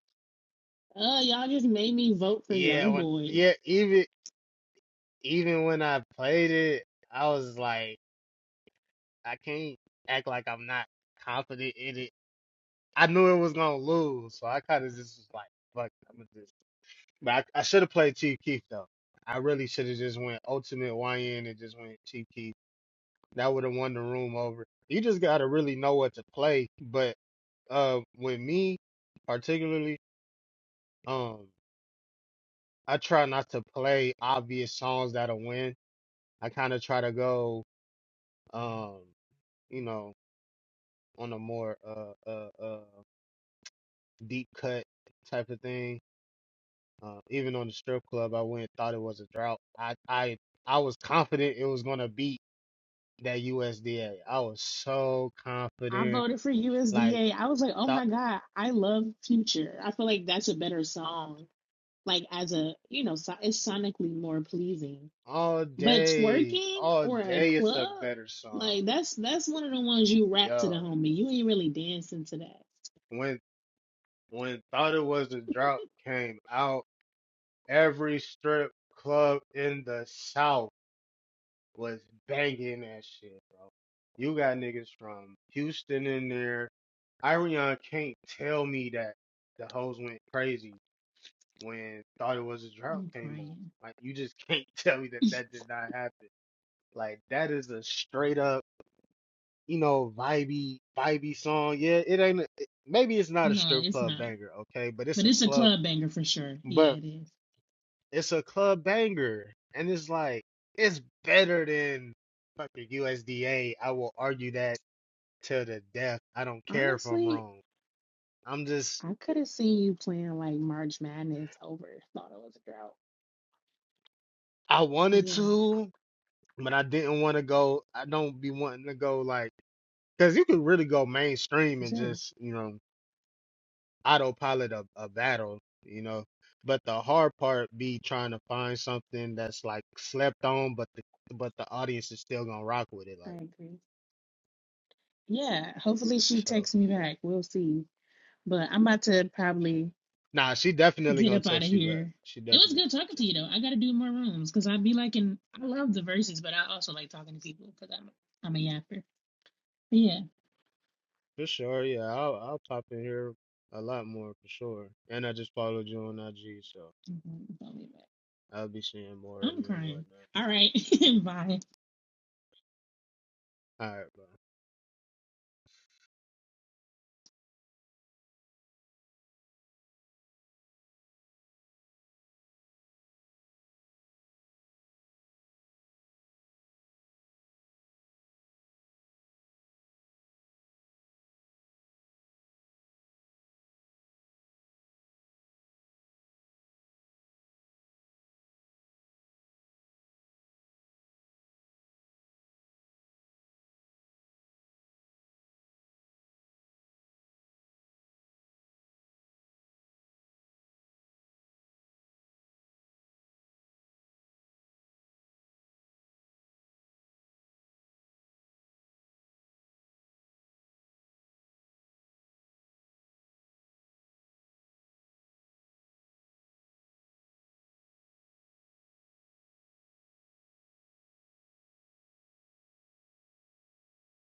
Speaker 1: oh, y'all just made me vote for
Speaker 4: Yeah,
Speaker 1: Young
Speaker 4: when,
Speaker 1: Boy.
Speaker 4: yeah, even, even when I played it, I was like, I can't act like I'm not confident in it. I knew it was gonna lose, so I kind of just was like, fuck, I'm gonna just But I, I should have played Chief Keef though. I really should have just went Ultimate YN and just went Chief Keef. That would have won the room over. You just gotta really know what to play. But uh, with me particularly, um, I try not to play obvious songs that'll win. I kind of try to go, um, you know, on a more uh, uh, uh, deep cut type of thing. Uh, even on the strip club, I went thought it was a drought. I I I was confident it was gonna beat. that USDA. I was so
Speaker 1: I
Speaker 4: confident.
Speaker 1: voted for
Speaker 4: Like
Speaker 1: USDA. I was like, oh
Speaker 4: thought
Speaker 1: my god, I love Future. I feel like that's a better song. Like as a, you know, so, it's sonically more pleasing
Speaker 4: all
Speaker 1: But
Speaker 4: day,
Speaker 1: twerking
Speaker 4: all
Speaker 1: or a
Speaker 4: day it's a
Speaker 1: club,
Speaker 4: better song.
Speaker 1: like that's that's one of the ones you rap to the
Speaker 4: Yo,
Speaker 1: homie. You ain't really dancing to that.
Speaker 4: when when thought it was a drop came out, every strip club in the South was banging that shit, bro. You got niggas from Houston in there. Irion can't tell me that the hoes went crazy when thought it was a drought
Speaker 1: I'm
Speaker 4: came on.
Speaker 1: crying.
Speaker 4: Like you just can't tell me that that did not happen. Like that is a straight up, you know, vibey, vibey song. Yeah, it ain't. a- it- Maybe it's not a
Speaker 1: No,
Speaker 4: strip
Speaker 1: it's
Speaker 4: club
Speaker 1: not.
Speaker 4: banger, okay, but it's
Speaker 1: But
Speaker 4: a
Speaker 1: it's a
Speaker 4: club.
Speaker 1: club banger for sure. Yeah,
Speaker 4: But
Speaker 1: it is.
Speaker 4: it's a club banger, and it's like it's better than fucking USDA. I will argue that till the death. I don't care if I'm
Speaker 1: Honestly,
Speaker 4: wrong. I'm just
Speaker 1: I could have seen you playing like March Madness over thought it was a drought.
Speaker 4: I wanted
Speaker 1: Yeah,
Speaker 4: to, but I didn't want to go. I don't be wanting to go like because you can really go mainstream
Speaker 1: for
Speaker 4: and
Speaker 1: sure.
Speaker 4: just you know autopilot a, a battle, you know. But the hard part be trying to find something that's like slept on, but the but the audience is still gonna rock with it,
Speaker 1: I
Speaker 4: like
Speaker 1: agree. Yeah, hopefully she
Speaker 4: so.
Speaker 1: texts me back. We'll see. But I'm about to probably
Speaker 4: Nah, she definitely
Speaker 1: Get
Speaker 4: gonna
Speaker 1: up out of
Speaker 4: text you back.
Speaker 1: here.
Speaker 4: She
Speaker 1: It
Speaker 4: definitely
Speaker 1: was good
Speaker 4: gonna
Speaker 1: talking to you
Speaker 4: text you
Speaker 1: though. I
Speaker 4: back
Speaker 1: gotta do more rooms because I'd be liking. I love the verses, but I also like talking to people because I'm I'm a yapper. But yeah,
Speaker 4: for sure. Yeah, I'll I'll pop in here a lot more for sure. And I just followed you on IG, so
Speaker 1: Mhm, don't be mad.
Speaker 4: I'll be seeing more of
Speaker 1: I'm
Speaker 4: you and
Speaker 1: crying.
Speaker 4: whatnot.
Speaker 1: All right, bye.
Speaker 4: All right, bro.